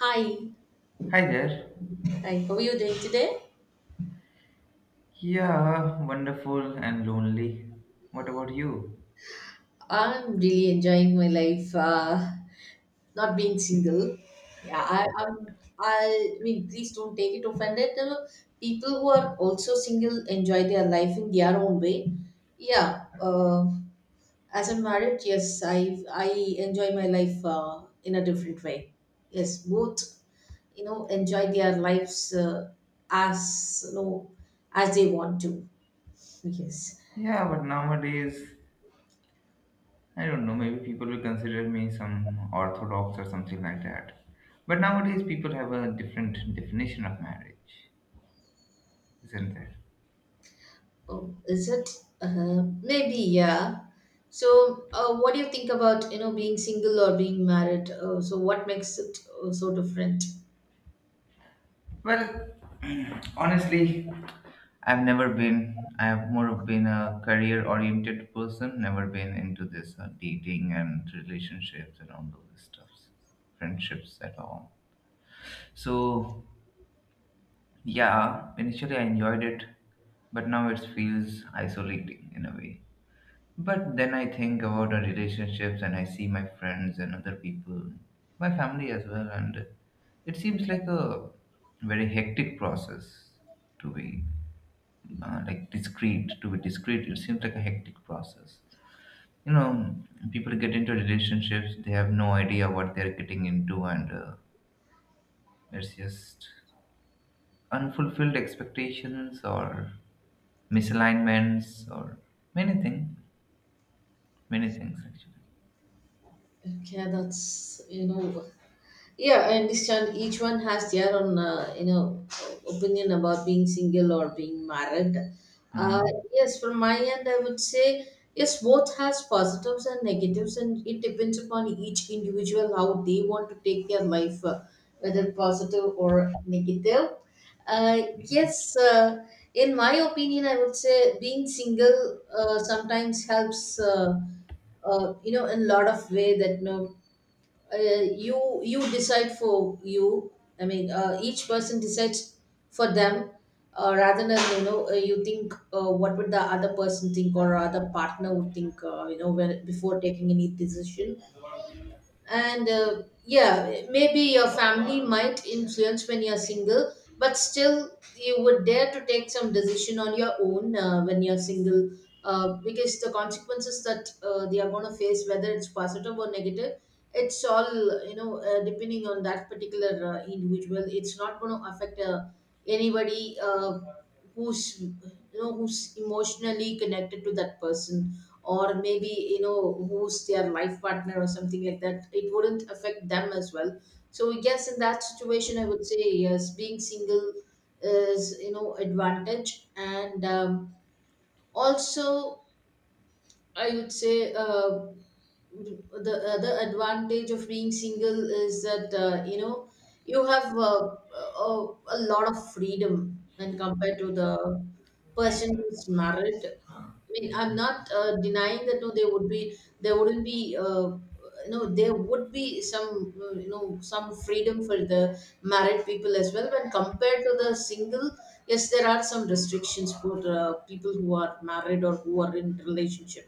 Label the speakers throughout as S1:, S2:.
S1: Hi,
S2: Hi there.
S1: hi. How are you doing today?
S2: Yeah, wonderful and lonely. What about you?
S1: I'm really enjoying my life. Not being single. Yeah, I'm. I mean, please don't take it offended. People who are also single enjoy their life in their own way. Yeah. As I'm married, yes, I enjoy my life in a different way. Yes, both enjoy their lives as you know as they want to. Yes.
S2: Yeah, but nowadays, I don't know, maybe people will consider me some orthodox or something like that. But nowadays, people have a different definition of marriage, isn't there?
S1: Oh, is it? Maybe, yeah. So, what do you think about being single or being married? So, what makes it so different?
S2: Well, honestly, I've never been, I have more of been a career oriented person, never been into this dating and relationships and all those stuffs, friendships at all. So yeah, initially I enjoyed it, but now it feels isolating in a way. But then I think about our relationships and I see my friends and other people, my family as well, and it seems like a very hectic process to be like discreet. To be discreet, it seems like a hectic process. You know, people get into relationships, they have no idea what they're getting into, and it's just unfulfilled expectations or misalignments or many things many things actually.
S1: Okay, that's you know. Yeah, I understand. Each one has their own, opinion about being single or being married.
S2: Uh,
S1: Uh, yes, from my end, I would say yes. Both has positives and negatives, and it depends upon each individual how they want to take their life, whether positive or negative. Uh, yes, in my opinion, I would say being single sometimes helps. In a lot of way that you decide for you. I mean, each person decides for them, rather than you think, what would the other person think, or other partner would think, when, before taking any decision. And yeah, maybe your family might influence when you're single, but still you would dare to take some decision on your own when you're single, because the consequences that they are going to face, whether it's positive or negative, it's all, depending on that particular individual. It's not going to affect, anybody, who's you know who's emotionally connected to that person, or maybe who's their life partner or something like that. It wouldn't affect them as well. So yes, in that situation, I would say yes, being single is advantage. And also, I would say, the other advantage of being single is that, you have a lot of freedom when compared to the person who's married. I mean, I'm not denying that, no, there wouldn't be, there would be some you know some freedom for the married people as well when compared to the single. Yes, there are some restrictions for people who are married or who are in relationship,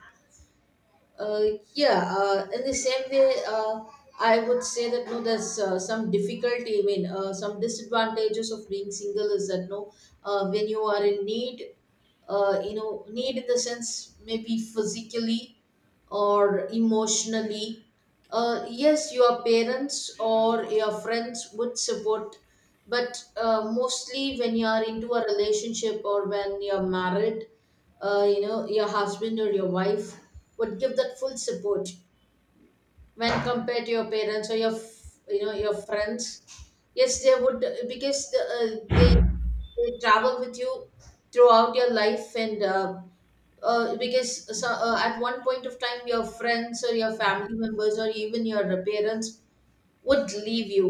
S1: uh, yeah, in the same way. I would say that, no, there's some difficulty. I mean, some disadvantages of being single is that, no, when you are in need, need in the sense maybe physically or emotionally. Yes, your parents or your friends would support, but mostly when you are into a relationship or when you're married, your husband or your wife would give that full support when compared to your parents or your your friends. Yes, they would, because they travel with you throughout your life. And because so, at one point of time, your friends or your family members or even your parents would leave you.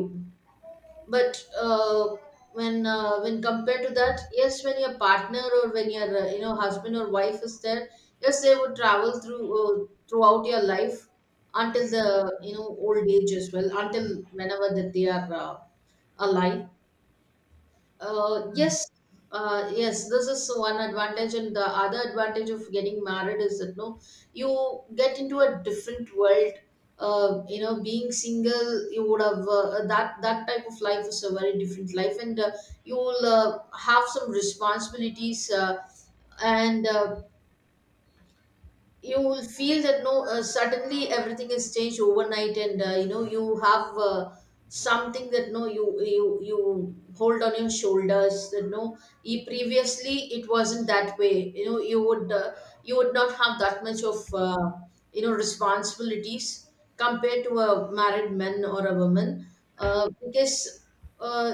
S1: But when compared to that, yes, when your partner or when your husband or wife is there, yes, they would travel throughout your life, until the old age as well, until whenever that they are alive. uh, yes, yes, this is one advantage, and the other advantage of getting married is that, no, you get into a different world. Being single, you would have that type of life is a very different life, and you will have some responsibilities. And you will feel that, no, suddenly everything is changed overnight, and you have something that, no, you hold on your shoulders, that, no, previously it wasn't that way. You know, you would not have that much of responsibilities compared to a married man or a woman, because uh,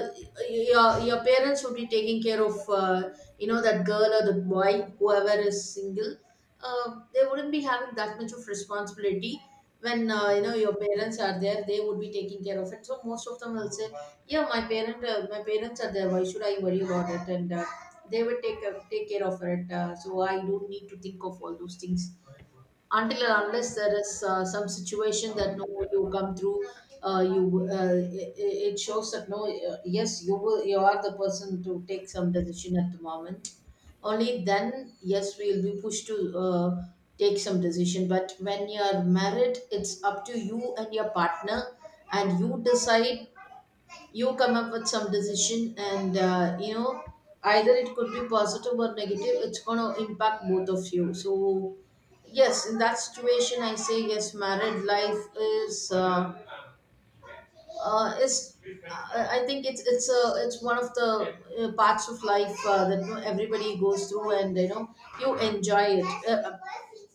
S1: your parents would be taking care of that girl or the boy, whoever is single. They wouldn't be having that much of responsibility when your parents are there, they would be taking care of it. So most of them will say, yeah, my parents are there, why should I worry about it? And they would take care of it, so I don't need to think of all those things until and unless there is some situation that, no, you come through. You It shows that, no, yes, you are the person to take some decision at the moment. Only then, yes, we will be pushed to take some decision. But when you are married, it's up to you and your partner, and you decide, you come up with some decision, and either it could be positive or negative, it's going to impact both of you. So yes, in that situation, I say yes, married life is uh, is I think it's one of the parts of life that, you know, everybody goes through, and you know you enjoy it.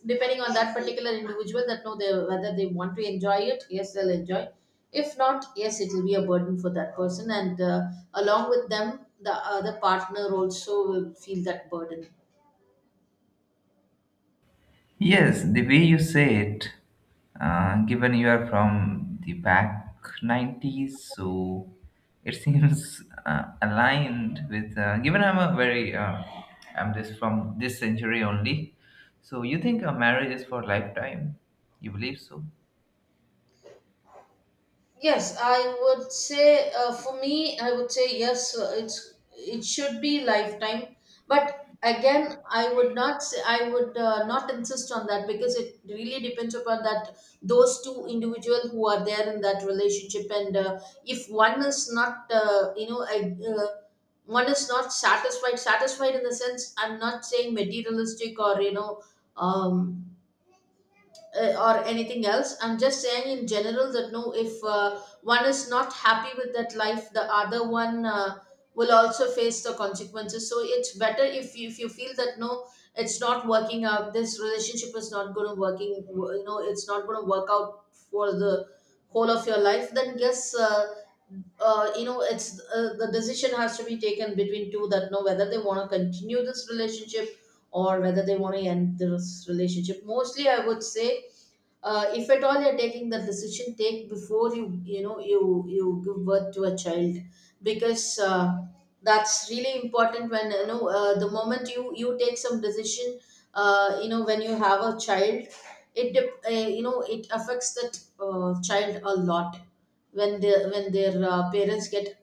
S1: Depending on that particular individual, that know they, whether they want to enjoy it, yes, they'll enjoy. If not, yes, it will be a burden for that person, and along with them, the other partner also will feel that burden.
S2: yes, the way you say it, given you are from the back 90s, so it seems aligned with given I'm a very I'm just from this century only. So you think a marriage is for lifetime? You believe so?
S1: Yes, I would say, for me, I would say yes. It should be lifetime, but again, I would not say, I would not insist on that, because it really depends upon that those two individual who are there in that relationship. And if one is not, you know, I. One is not satisfied in the sense, I'm not saying materialistic or um or anything else. I'm just saying in general that, no, if one is not happy with that life, the other one will also face the consequences. So it's better if you feel that, no, it's not working out, this relationship is not going to working, it's not going to work out for the whole of your life, then yes, you know it's the decision has to be taken between two, that know whether they want to continue this relationship or whether they want to end this relationship. Mostly I would say, if at all you're taking the decision, take before you give birth to a child, because that's really important. When the moment you take some decision, when you have a child, it dep- you know it affects that child a lot, when they when their parents get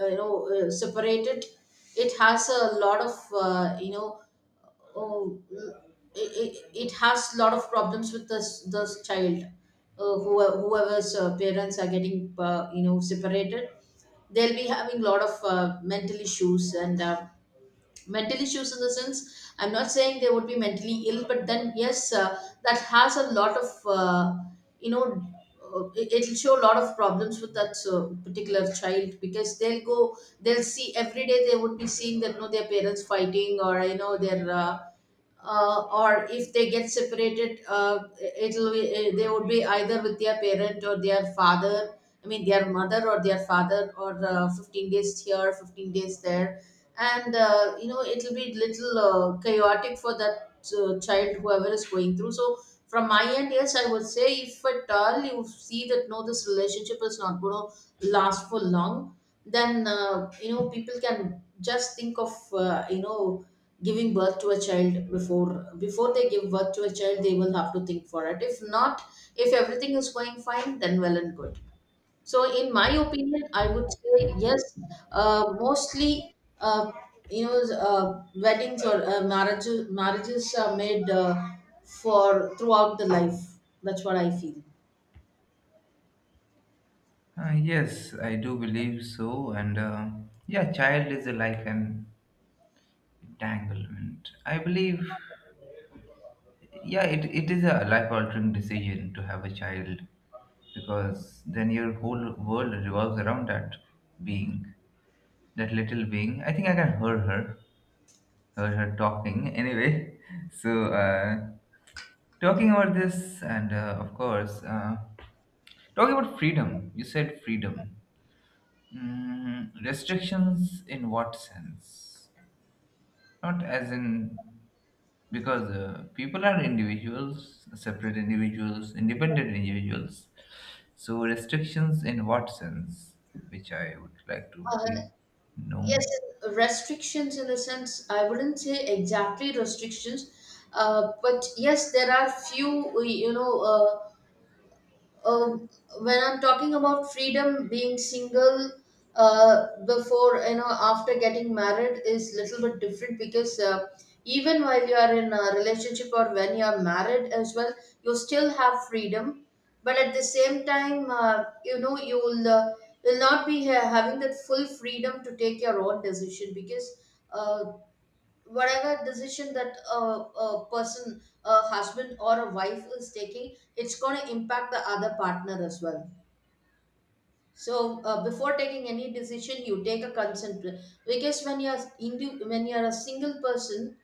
S1: separated. It has a lot of oh, it has a lot of problems with this child, whoever's parents are getting separated. They'll be having a lot of mental issues. And mental issues in the sense, I'm not saying they would be mentally ill, but then yes, that has a lot of, you know it'll show a lot of problems with that particular child, because they'll see every day, they would be seeing that, their parents fighting, or you know their or if they get separated, they would be either with their parent or their father. I mean, their mother or their father, or 15 days here, 15 days there, and it'll be little chaotic for that child, whoever is going through. So, from my end, yes, I would say if at all you see that no, this relationship is not going to last for long, then you know people can just think of you know giving birth to a child before they give birth to a child they will have to think for it. If not, if everything is going fine then well and good. So in my opinion I would say yes, mostly, uh, you know, weddings or marriages, marriages are made for throughout the life. That's what I feel.
S2: Yes, I do believe so. And yeah, child is like an entanglement. I believe yeah it is a life altering decision to have a child because then your whole world revolves around that being, that little being. I think I can hear her, hear her talking anyway, so talking about this and of course talking about freedom, you said freedom, restrictions in what sense? Not as in, because people are individuals, separate individuals, independent individuals. So restrictions in what sense? Which I would like to
S1: Uh,
S2: be
S1: Yes,
S2: no.
S1: restrictions in the sense, I wouldn't say exactly restrictions, but yes, there are few, you know, um, when I'm talking about freedom, being single before, you know, after getting married is little bit different because even while you are in a relationship or when you are married as well, you still have freedom, but at the same time, you know you'll will not be having that full freedom to take your own decision because. Uh, whatever decision that a person, a husband or a wife is taking, it's going to impact the other partner as well. So before taking any decision you take a consent because when you're when you're a single person,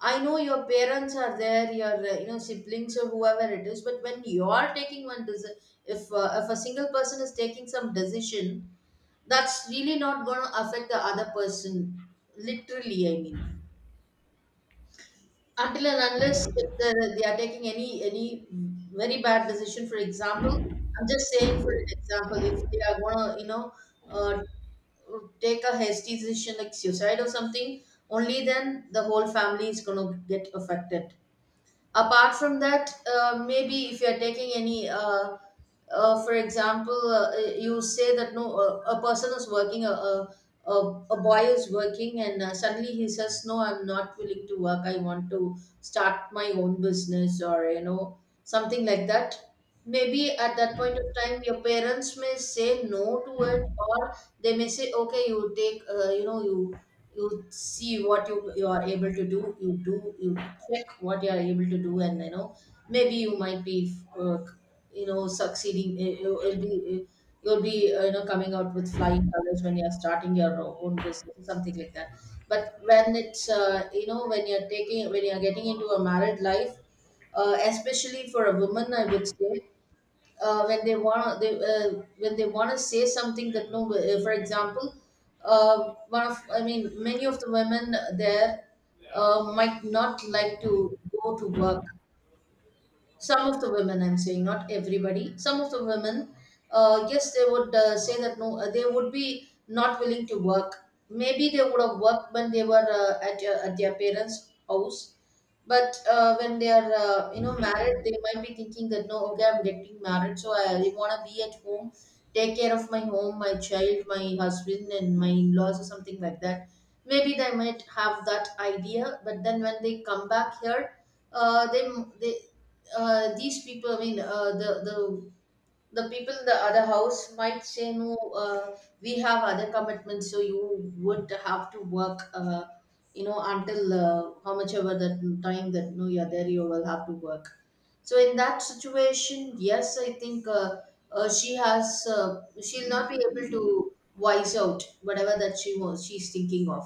S1: I know your parents are there, your you know siblings or whoever it is, but when you are taking one decision, if a single person is taking some decision, that's really not going to affect the other person literally, I mean, until and unless if they are taking any very bad decision. For example, I'm just saying, for example, if they are going to, you know, uh, take a hasty decision like suicide or something, only then the whole family is going to get affected. Apart from that, maybe if you are taking any for example, you say that no, a person is working, a a boy is working, and suddenly he says no, I'm not willing to work, I want to start my own business or you know something like that. Maybe at that point of time your parents may say no to it, or they may say okay, you take you know you, you see what you are able to do, you do you check what you are able to do, and you know maybe you might be uh, you know succeeding, you'll be you know coming out with flying colors when you're starting your own business or something like that. But when it's, you know, when you're taking, when you're getting into a married life, especially for a woman I would say, when they want, they when they want to say something that no, for example, one of, I mean many of the women there, might not like to go to work. Some of the women, I'm saying not everybody, some of the women, yes they would say that no, they would be not willing to work. Maybe they would have worked when they were at their parents' house, but when they are you know married, they might be thinking that no, okay, I'm getting married so I want to be at home, take care of my home, my child, my husband and my in-laws or something like that. Maybe they might have that idea, but then when they come back here, uh, they, they these people, I mean, the the people in the other house might say no, we have other commitments, so you would have to work, you know, until how much ever that time that no you're there, you will have to work. So in that situation, yes, I think, she has she'll not be able to wise out whatever that she wants, she's thinking of,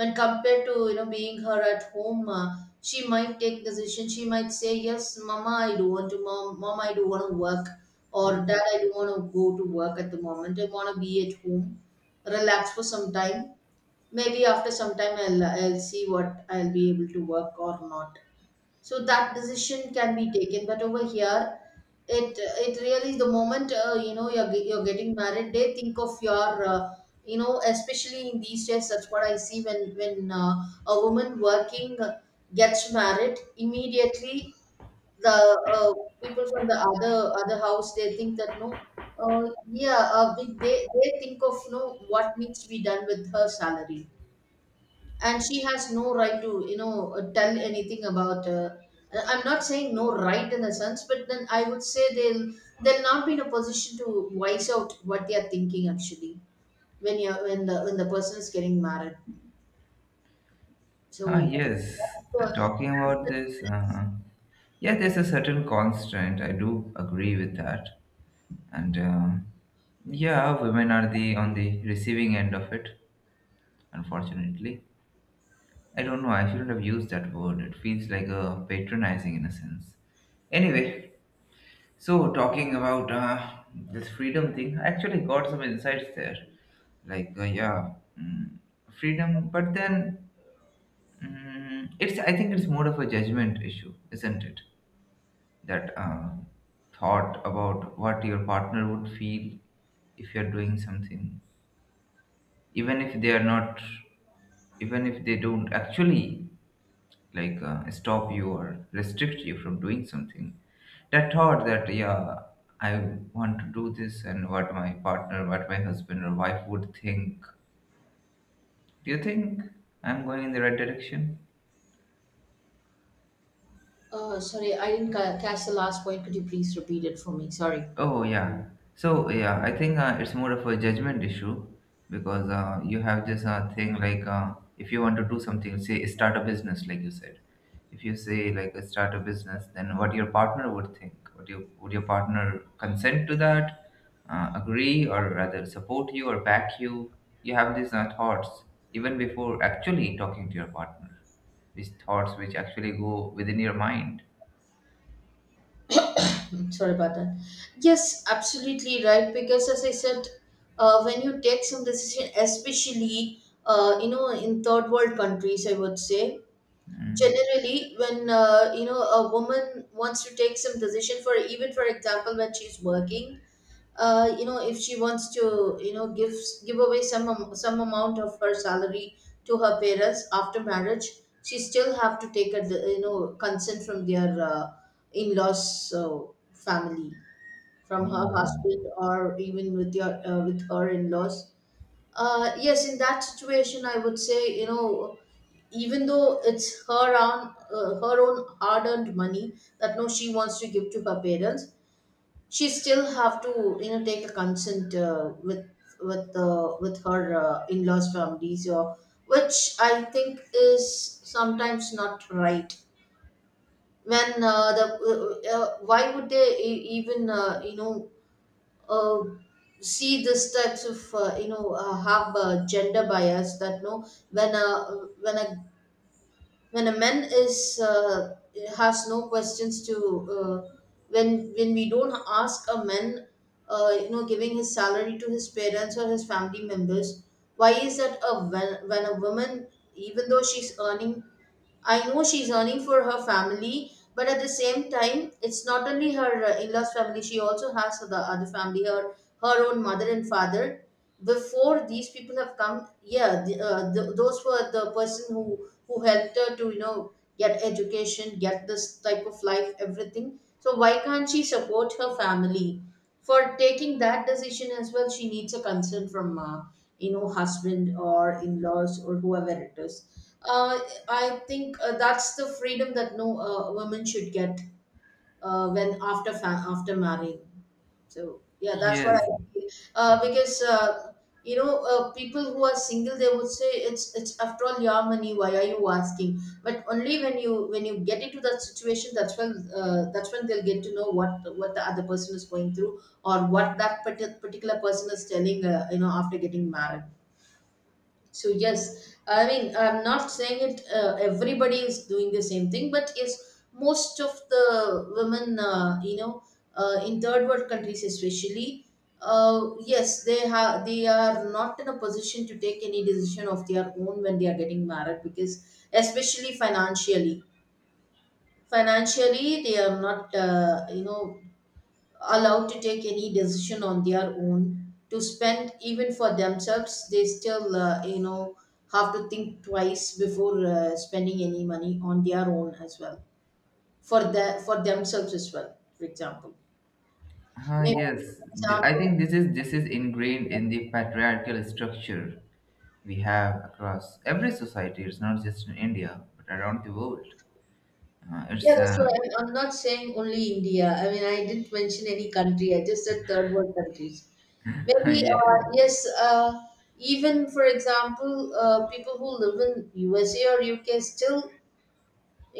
S1: when compared to you know being her at home. She might take decision, she might say yes mama, I don't want to, mom mom I don't want to work, or dad, I don't want to go to work at the moment, I want to be at home, relax for some time. Maybe after some time I'll see what I'll be able to work or not. So that decision can be taken, but over here, it it really, the moment you know, you're, you're getting married, they think of your you know, especially in these days, that's what I see when a woman working gets married immediately, the uh, people from the other other house, they think that no, uh, yeah, they think of no, what needs to be done with her salary, and she has no right to you know tell anything about, I am not saying no right in the sense, but then I would say they'll not be in a position to voice out what they are thinking actually when you're, when the person is getting married.
S2: Ah
S1: So
S2: yes,
S1: that's
S2: talking about
S1: the,
S2: this. Yeah, there's a certain constraint. I do agree with that, and um, yeah, women are the on the receiving end of it. Unfortunately, I don't know. I shouldn't have used that word. It feels like a patronizing in a sense. Anyway, so, talking about this freedom thing, I actually got some insights there. Like, yeah, mm, freedom, but then I think it's more of a judgment issue, isn't it? That thought about what your partner would feel if you're doing something, even if they are not, even if they don't actually, like stop you or restrict you from doing something. That thought that yeah, I want to do this, and what my partner, what my husband or wife would think. Do you think I'm going in the right direction?
S1: sorry I didn't catch the last point, could you please repeat it for me? Sorry.
S2: Oh yeah. So yeah, I think it's more of a judgment issue because you have this thing like if you want to do something, say start a business, like you said. If you say like start a business, then what your partner would think? Would your partner consent to that? Agree or rather support you or back you? You have these thoughts even before actually talking to your partner. These thoughts which actually go within your mind.
S1: Mm, sorry about that. Yes, absolutely right. Because as I said, when you take some decision, especially, you know, in third world countries, I would say
S2: Mm.
S1: generally when, you know, a woman wants to take some decision, for even for example when she's working, you know, if she wants to you know give, give away some some amount of her salary to her parents after marriage, she still have to take a you know consent from their in-laws, family, from her
S2: Oh
S1: husband, or even with your with her in-laws. Yes in that situation I would say, you know, even though it's her own hard earned money that no, she wants to give to her parents, she still have to you know take a consent with, with her in-laws families, or which I think is sometimes not right. When, the why would they even you know uh, see this types of you know have gender bias that no, when a, when a when a man is has no questions to, uh, when when we don't ask a man you know giving his salary to his parents or his family members, why is that a when a woman, even though she's earning, I know she's earning for her family, but at the same time it's not only her in-laws family, she also has the other family, her, her own mother and father. Before these people have come, yeah the, those were the person who helped her to you know get education, get this type of life, everything, so why can't she support her family? For taking that decision as well, she needs a consent from you know husband or in-laws or whoever it is. I think that's the freedom that no woman should get when after after marrying. So yeah, that's what I
S2: yes.
S1: feel. Because you know, people who are single, they would say it's after all your money, why are you asking? But only when you, when you get into that situation, that's when, that's when they'll get to know what the other person is going through or what that particular person is telling. You know, after getting married. So yes, I mean I'm not saying it. Everybody is doing the same thing, but yes, most of the women, you know, in third world countries especially, yes, they have, they are not in a position to take any decision of their own when they are getting married, because especially financially, financially they are not, you know, allowed to take any decision on their own to spend. Even for themselves they still, you know, have to think twice before spending any money on their own as well, for the, for themselves as well, for example.
S2: Ah,
S1: Maybe,
S2: yes,
S1: for
S2: I
S1: example.
S2: think this is ingrained in the patriarchal structure we have across every society. It's not just in India, but around the world.
S1: Yeah,
S2: It's
S1: that's why, I mean, I'm not saying only India. I mean, I didn't mention any country. I just said third world countries. Maybe
S2: yeah.
S1: yes. Uh, even for example, people who live in USA or UK still,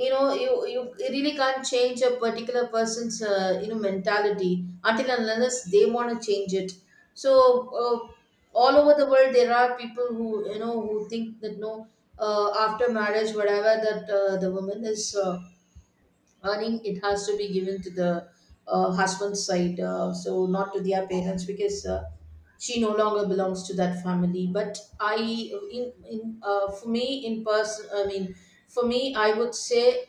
S1: you really can't change a particular person's mentality until and unless they want to change it. So uh, all over the world there are people who, who think that no after marriage, whatever that the woman is earning, it has to be given to the husband's side, so not to their parents, because she no longer belongs to that family. But I in for me in person, I mean, for me I would say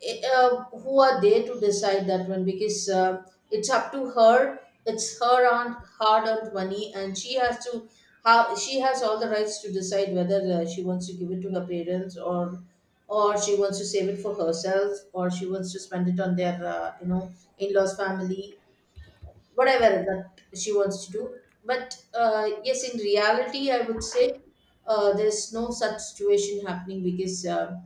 S1: who are they to decide that one? Because it's up to her. It's her aunt hard earned money and she has to, how she has all the rights to decide whether she wants to give it to her parents, or she wants to save it for herself, or she wants to spend it on their in-laws family, whatever that she wants to do. But yes, in reality I would say there's no such situation happening, because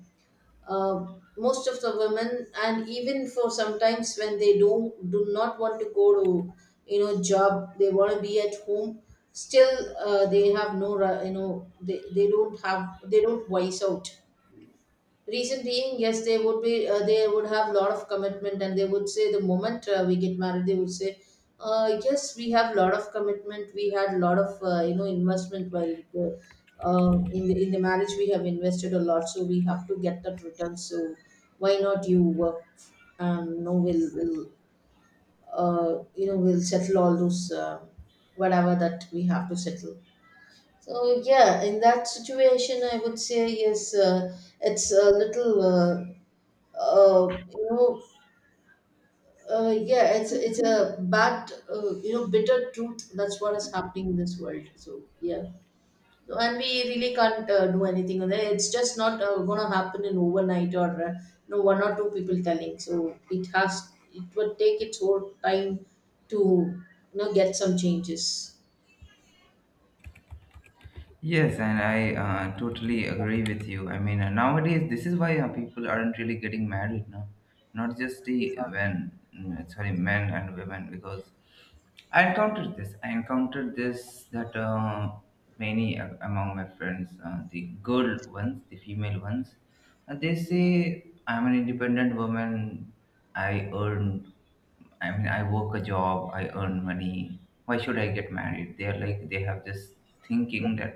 S1: uh, most of the women, and even for sometimes when they don't do not want to go to, job, they want to be at home. Still, they have no ri- you know they don't have they don't voice out. Reason being, yes, they would be, they would have a lot of commitment, and they would say the moment we get married, they would say, "Yes, we have a lot of commitment. We had a lot of, investment while the, in the in the marriage we have invested a lot, so we have to get that return. So why not you work? You know, we'll settle all those whatever that we have to settle." So yeah, in that situation I would say yes. It's a little. Uh, you know, yeah, it's a bad, bitter truth. That's what is happening in this world. So yeah, so, and we really can't do anything on it. It's just not gonna happen in overnight, or one or two people telling. So it has, it will take its own time to, get some changes.
S2: Yes, and I totally agree with you. I mean, nowadays this is why people aren't really getting married now. Not just the when mm, sorry men and women because I encountered this. I encountered this that many among my friends, the girl ones, the female ones, they say, "I'm an independent woman. I earn. I mean, I work a job. I earn money. Why should I get married?" They are like they have this thinking that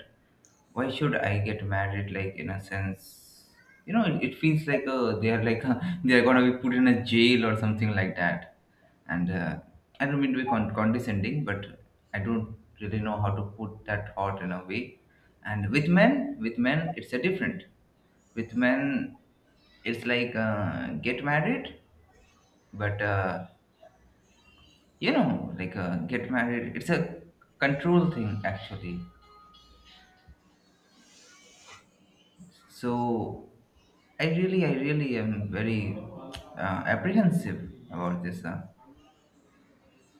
S2: why should I get married? Like in a sense, you know, it feels like they are like they are gonna be put in a jail or something like that. And I don't mean to be condescending, but I don't really know how to put that thought in a way. And with men, it's a different. With men, it's like get married, but you know, like get married. It's a control thing actually. So I really am very apprehensive about this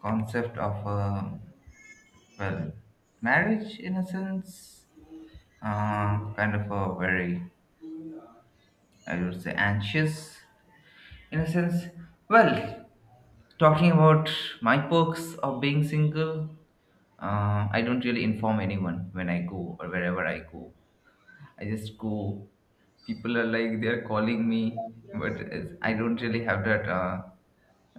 S2: concept of well, marriage in a sense, kind of a very, I would say, anxious in a sense. Well, talking about my perks of being single, I don't really inform anyone when I go or wherever I go. I just go. People are like they're calling me, but it's, I don't really have that.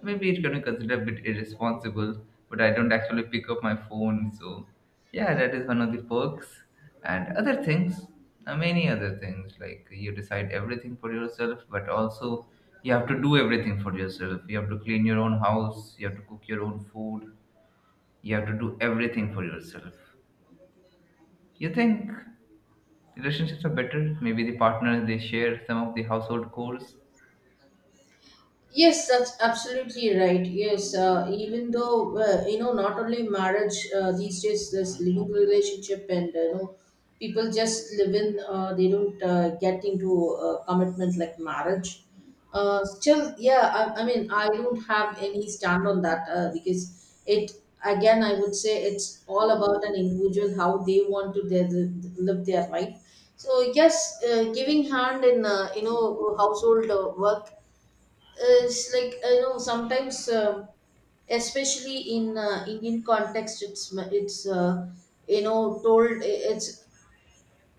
S2: Maybe it's going to consider a bit irresponsible, but I don't actually pick up my phone. So, yeah, that is one of the perks. And other things, many other things, like you decide everything for yourself, but also you have to do everything for yourself. You have to clean your own house, you have to cook your own food, you have to do everything for yourself. You think relationships are better? Maybe the partner they share some of the household chores.
S1: Yes, that's absolutely right. Yes, even though not only marriage, these days there's living relationship, and people just live in. They don't get into commitment like marriage. Still, yeah, I mean, I don't have any stand on that, because it, again I would say, it's all about an individual how they want to their, live their life. So yes, giving hand in household work, it's like sometimes, especially in indian context, it's told, it's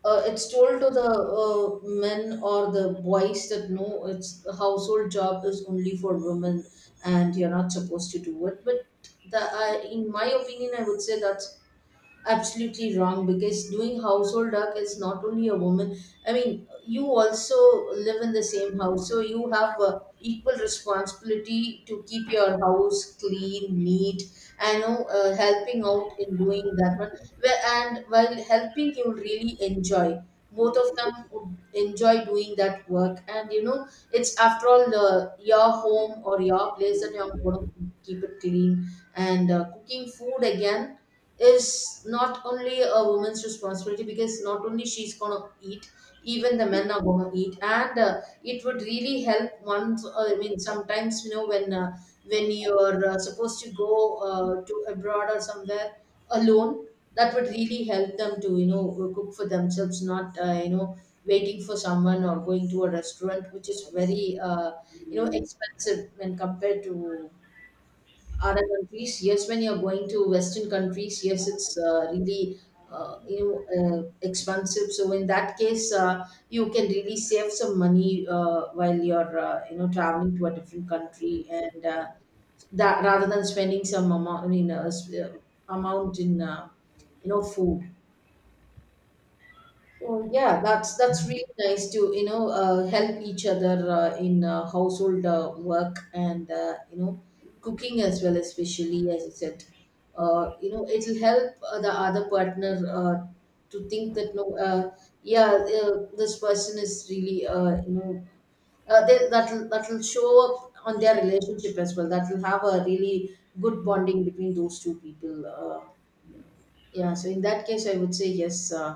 S1: uh, it's told to the men or the boys that no, it's the household job is only for women and you're not supposed to do it. But the in my opinion I would say that absolutely wrong, because doing household work is not only a woman. I mean, you also live in the same house, so you have equal responsibility to keep your house clean, neat. I know, helping out in doing that one. Well, and while helping you really enjoy, both of them would enjoy doing that work. And you know, it's after all your home or your place that you're going to keep it clean. And cooking food again is not only a woman's responsibility, because not only she's gonna eat, even the men are gonna eat. And it would really help once, I mean sometimes, you know, when you're supposed to go to abroad or somewhere alone, that would really help them to, cook for themselves, not waiting for someone or going to a restaurant, which is very expensive when compared to other countries. Yes, when you're going to western countries, yes, it's really uh, you know expensive. So in that case, you can really save some money while you're traveling to a different country. And that, rather than spending some amount, I mean amount in food. So yeah, that's really nice to, help each other in household work. And cooking as well, especially as you said, it'll help the other partner uh, to think that no, yeah, uh, this person is really, that'll that'll show up on their relationship as well. That'll have a really good bonding between those two people. Yeah, so in that case I would say yes.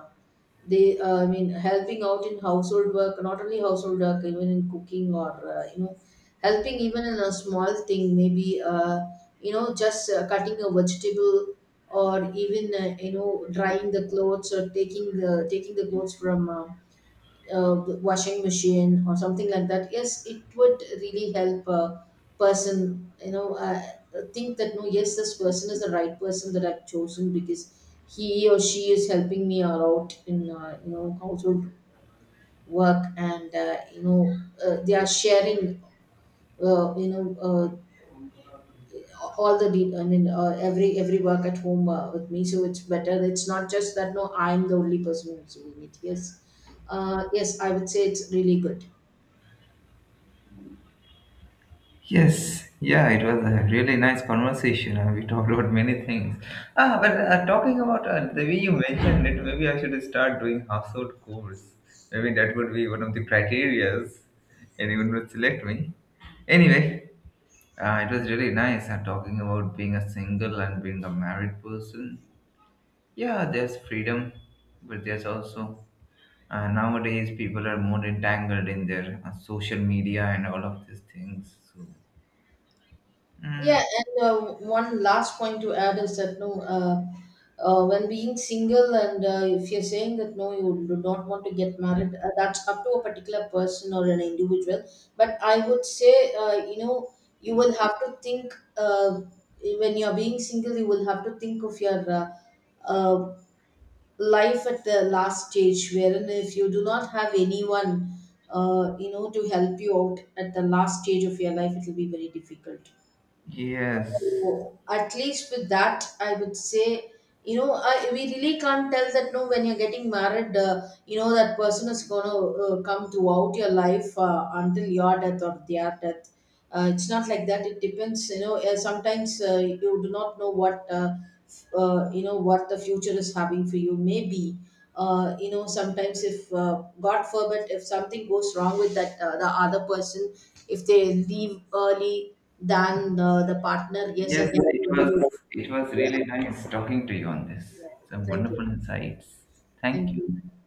S1: They I mean helping out in household work, not only household work, even in cooking or uh, you know helping, even in a small thing. Maybe just cutting a vegetable, or even drying the clothes, or taking the clothes from washing machine or something like that. Yes, it would really help a person, think that no, yes, this person is the right person that I've chosen, because he or she is helping me out in household work. And they are sharing uh, you know uh, all I mean every work at home with me. So it's better. It's not just that no, I'm the only person who's doing it. Yes, yes, I would say it's really good.
S2: Yes, yeah, it was a really nice conversation, and we talked about many things. Ah, but talking about the way you mentioned it, maybe I should start doing household chores. Maybe that would be one of the criterias anyone would select me. Anyway, it was really nice talking about being a single and being a married person. Yeah, there's freedom, but there's also nowadays people are more entangled in their social media and all of these things. So,
S1: Yeah,
S2: mm,
S1: and one last point to add is that no, when being single, and if you're saying that no, you do not want to get married, that's up to a particular person or an individual. But I would say, you will have to think when you're being single, you will have to think of your uh, life at the last stage, wherein if you do not have anyone, to help you out at the last stage of your life, it will be very difficult.
S2: yes,
S1: Oh, at least with that I would say, you know, we really can't tell that no, when you're getting married, that person is going to come throughout your life until your death or their death. It's not like that. It depends, you know, sometimes you do not know what what the future is having for you. Maybe sometimes if god forbid if something goes wrong with that the other person, if they leave early than the partner, yes, I
S2: yes,
S1: can.
S2: it was, it was really
S1: Yeah.
S2: nice talking to you on this.
S1: Yeah.
S2: Some
S1: Thank
S2: wonderful
S1: you.
S2: insights. Thank
S1: Thank
S2: you.
S1: you.